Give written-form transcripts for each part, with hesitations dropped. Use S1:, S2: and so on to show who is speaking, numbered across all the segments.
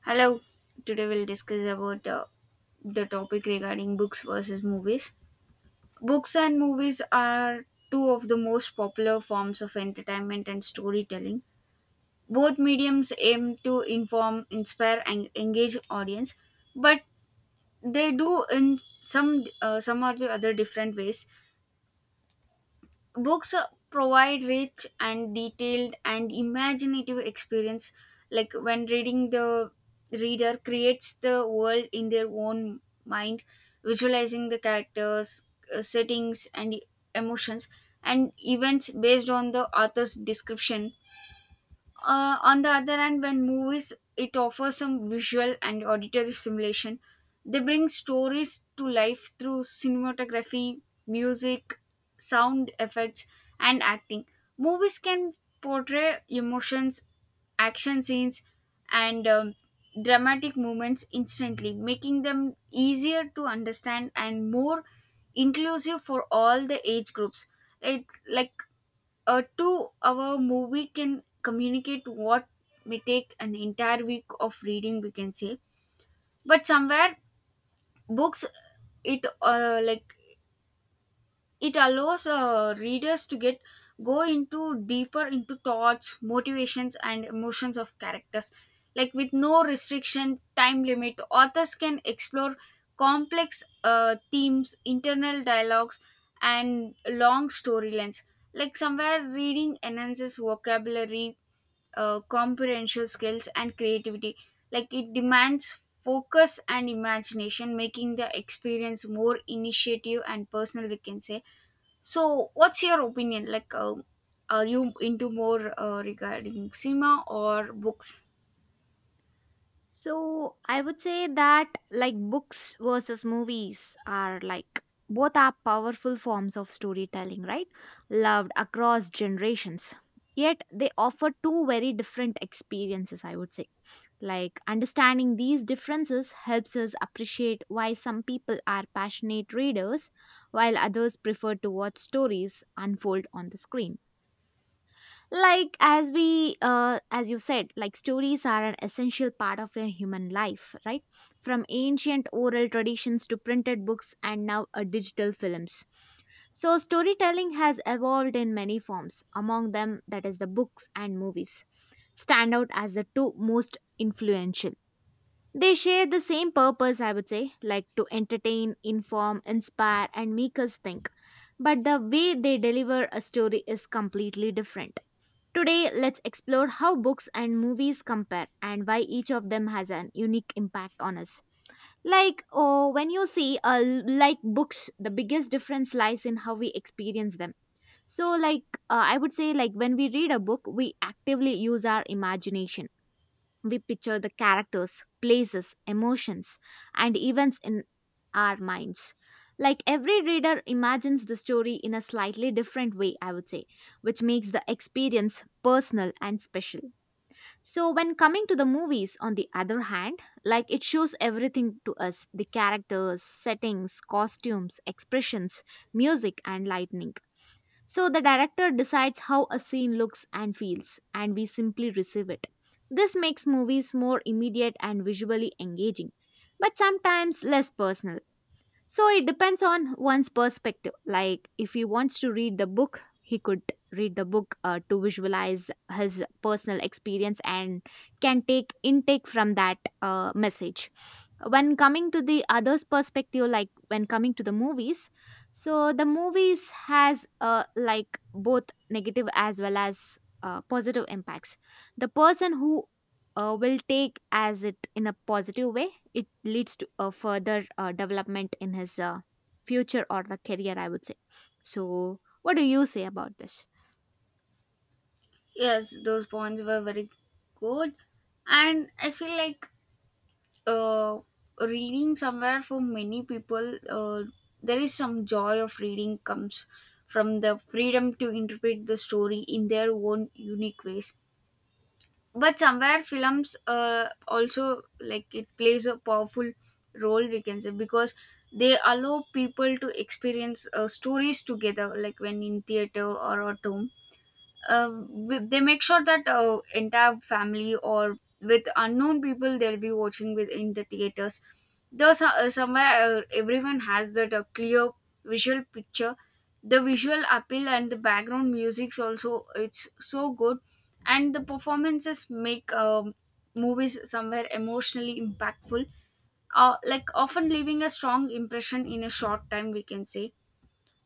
S1: Hello. Today we'll discuss about the topic regarding books versus movies. Books and movies are two of the most popular forms of entertainment and storytelling. Both mediums aim to inform, inspire, and engage audience, but they do in some or the other different ways. Books provide rich and detailed and imaginative experience, like when reading, the reader creates the world in their own mind, visualizing the characters, settings and emotions and events based on the author's description. On the other hand, when movies, it offers some visual and auditory simulation. They bring stories to life through cinematography, music, sound effects, and acting. Movies can portray emotions, action scenes, and dramatic moments instantly, making them easier to understand and more inclusive for all the age groups. It like a 2 hour movie can communicate what may take an entire week of reading, we can say. But somewhere, books, it like it allows readers to get go into deeper into thoughts, motivations and emotions of characters, like with no restriction time limit. Authors can explore complex themes, internal dialogues and long storylines. Like somewhere reading enhances vocabulary, comprehension skills and creativity. Like it demands focus and imagination, making the experience more initiative and personal, we can say. So what's your opinion, like are you into more regarding cinema or books?
S2: So I would say that like books versus movies are like both are powerful forms of storytelling, right? Loved across generations. Yet they offer two very different experiences, I would say. Like understanding these differences helps us appreciate why some people are passionate readers while others prefer to watch stories unfold on the screen. Like as you said like stories are an essential part of a human life, right? From ancient oral traditions to printed books and now digital films. So storytelling has evolved in many forms. Among them, that is the books and movies, stand out as the two most influential. They share the same purpose, I would say, like to entertain, inform, inspire, and make us think, but the way they deliver a story is completely different. Today, let's explore how books and movies compare and why each of them has an unique impact on us. Like, oh, when you see, like books, the biggest difference lies in how we experience them. So, like, I would say, like, when we read a book, we actively use our imagination. We picture the characters, places, emotions, and events in our minds. Like every reader imagines the story in a slightly different way, I would say, which makes the experience personal and special. So, when coming to the movies, on the other hand, like it shows everything to us: the characters, settings, costumes, expressions, music, and lightning. So the director decides how a scene looks and feels, and we simply receive it. This makes movies more immediate and visually engaging, but sometimes less personal. So it depends on one's perspective. Like if he wants to read the book, he could read the book to visualize his personal experience and can take intake from that message. When coming to the others perspective, like when coming to the movies, so the movies has like both negative as well as positive impacts. The person who will take as it in a positive way, it leads to a further development in his future or the career, I would say. So what do you say about this?
S1: Yes, those points were very good, and I feel like uh, reading somewhere for many people, there is some joy of reading, comes from the freedom to interpret the story in their own unique ways. But somewhere films, also like, it plays a powerful role, we can say, because they allow people to experience stories together, like when in theater or at home. They make sure that entire family or with unknown people they'll be watching with in the theaters. There's somewhere everyone has that clear visual picture. The visual appeal and the background music's also, it's so good, and the performances make movies somewhere emotionally impactful, like often leaving a strong impression in a short time, we can say.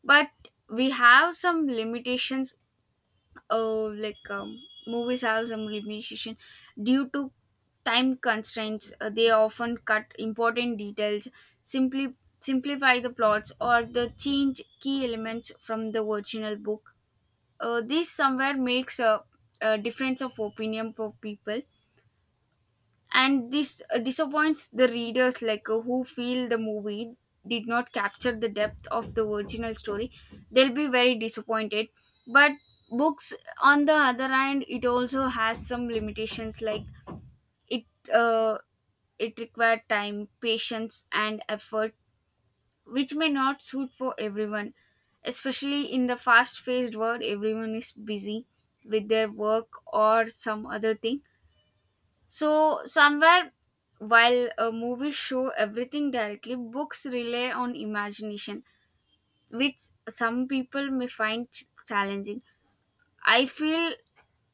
S1: But we have some limitations. Oh, like movie stars and musician, due to time constraints, they often cut important details, simply simplify the plots or the change key elements from the original book. This somewhere makes a difference of opinion for people, and this disappoints the readers, like who feel the movie did not capture the depth of the original story. They'll be very disappointed. But books, on the other hand, it also has some limitations. Like it, uh, it required time, patience and effort, which may not suit for everyone, especially in the fast paced world. Everyone is busy with their work or some other thing. So somewhere, while a movie show everything directly, books rely on imagination, which some people may find challenging. I feel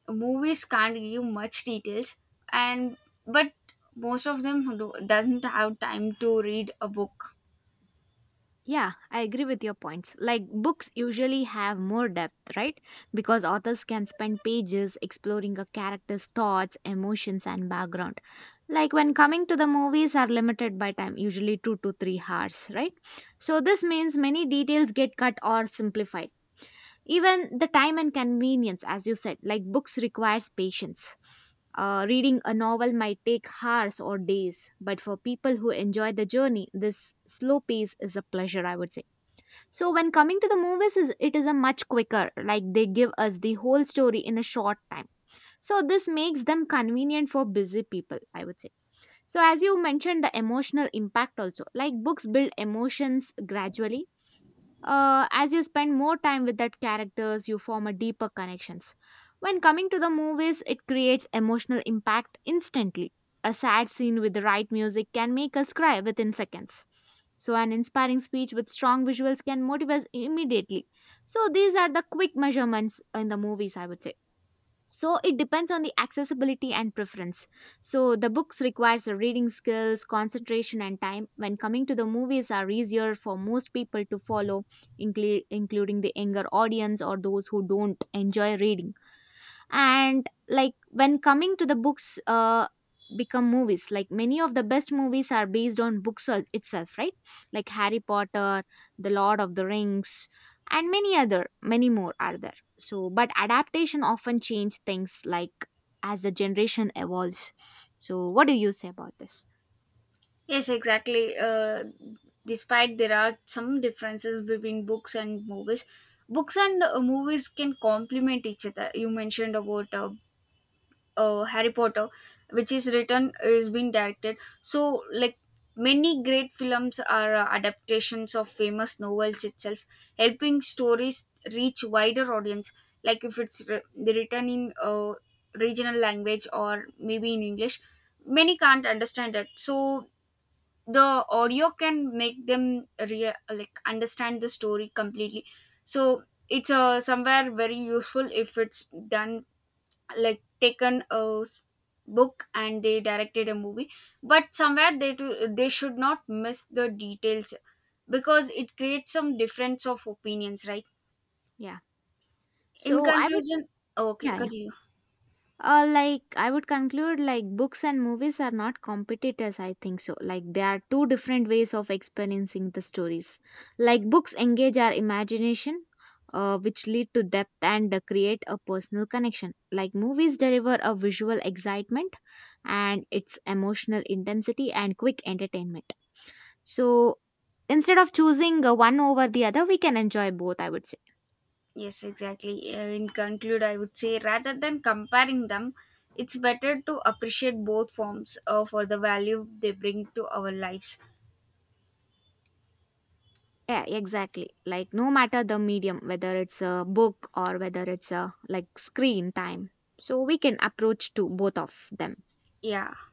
S1: movies can't give much details, and but most of them do, doesn't have time to read a book.
S2: Yeah, I agree with your points. Like books usually have more depth, right? Because authors can spend pages exploring a character's thoughts, emotions, and background. Like when coming to the movies are limited by time, usually 2 to 3 hours, right? So this means many details get cut or simplified. Even the time and convenience, as you said, like books requires patience. Reading a novel might take hours or days, but for people who enjoy the journey, this slow pace is a pleasure, I would say. So when coming to the movies, it is a much quicker. Like they give us the whole story in a short time. So this makes them convenient for busy people, I would say. So as you mentioned, the emotional impact also. Like books build emotions gradually. As you spend more time with that characters, you form a deeper connections. When coming to the movies, it creates emotional impact instantly. A sad scene with the right music can make us cry within seconds, so an inspiring speech with strong visuals can motivate us immediately. So these are the quick measurements in the movies, I would say. So it depends on the accessibility and preference. So the books requires a reading skills, concentration, and time. When coming to the movies, are easier for most people to follow, including the younger audience or those who don't enjoy reading. And like when coming to the books, become movies, like many of the best movies are based on books itself, right? Like Harry Potter, the Lord of the Rings, and many more are there. So but adaptation often change things like as the generation evolves. So what do you say about this?
S1: Yes, exactly. Despite there are some differences between books and movies can complement each other. You mentioned about Harry Potter, which is written is being directed. So like many great films are adaptations of famous novels itself, helping stories reach wider audience. Like if it's written in regional language or maybe in English, many can't understand it. So the audio can make them like understand the story completely. So it's somewhere very useful if it's done, like taken a book and they directed a movie. But somewhere they do, they should not miss the details, because it creates some difference of opinions, right?
S2: Yeah,
S1: In
S2: so I would.
S1: conclusion. Okay,
S2: Yeah, yeah.
S1: continue.
S2: Like I would conclude, like books and movies are not competitors, I think. So like they are two different ways of experiencing the stories. Like books engage our imagination, which lead to depth and create a personal connection. Like movies deliver a visual excitement and its emotional intensity and quick entertainment. So instead of choosing one over the other, we can enjoy both, I would say.
S1: Yes, exactly. In conclude, I would say rather than comparing them, it's better to appreciate both forms for the value they bring to our lives.
S2: Yeah, exactly. Like no matter the medium, whether it's a book or whether it's a like screen time. So we can approach to both of them.
S1: Yeah.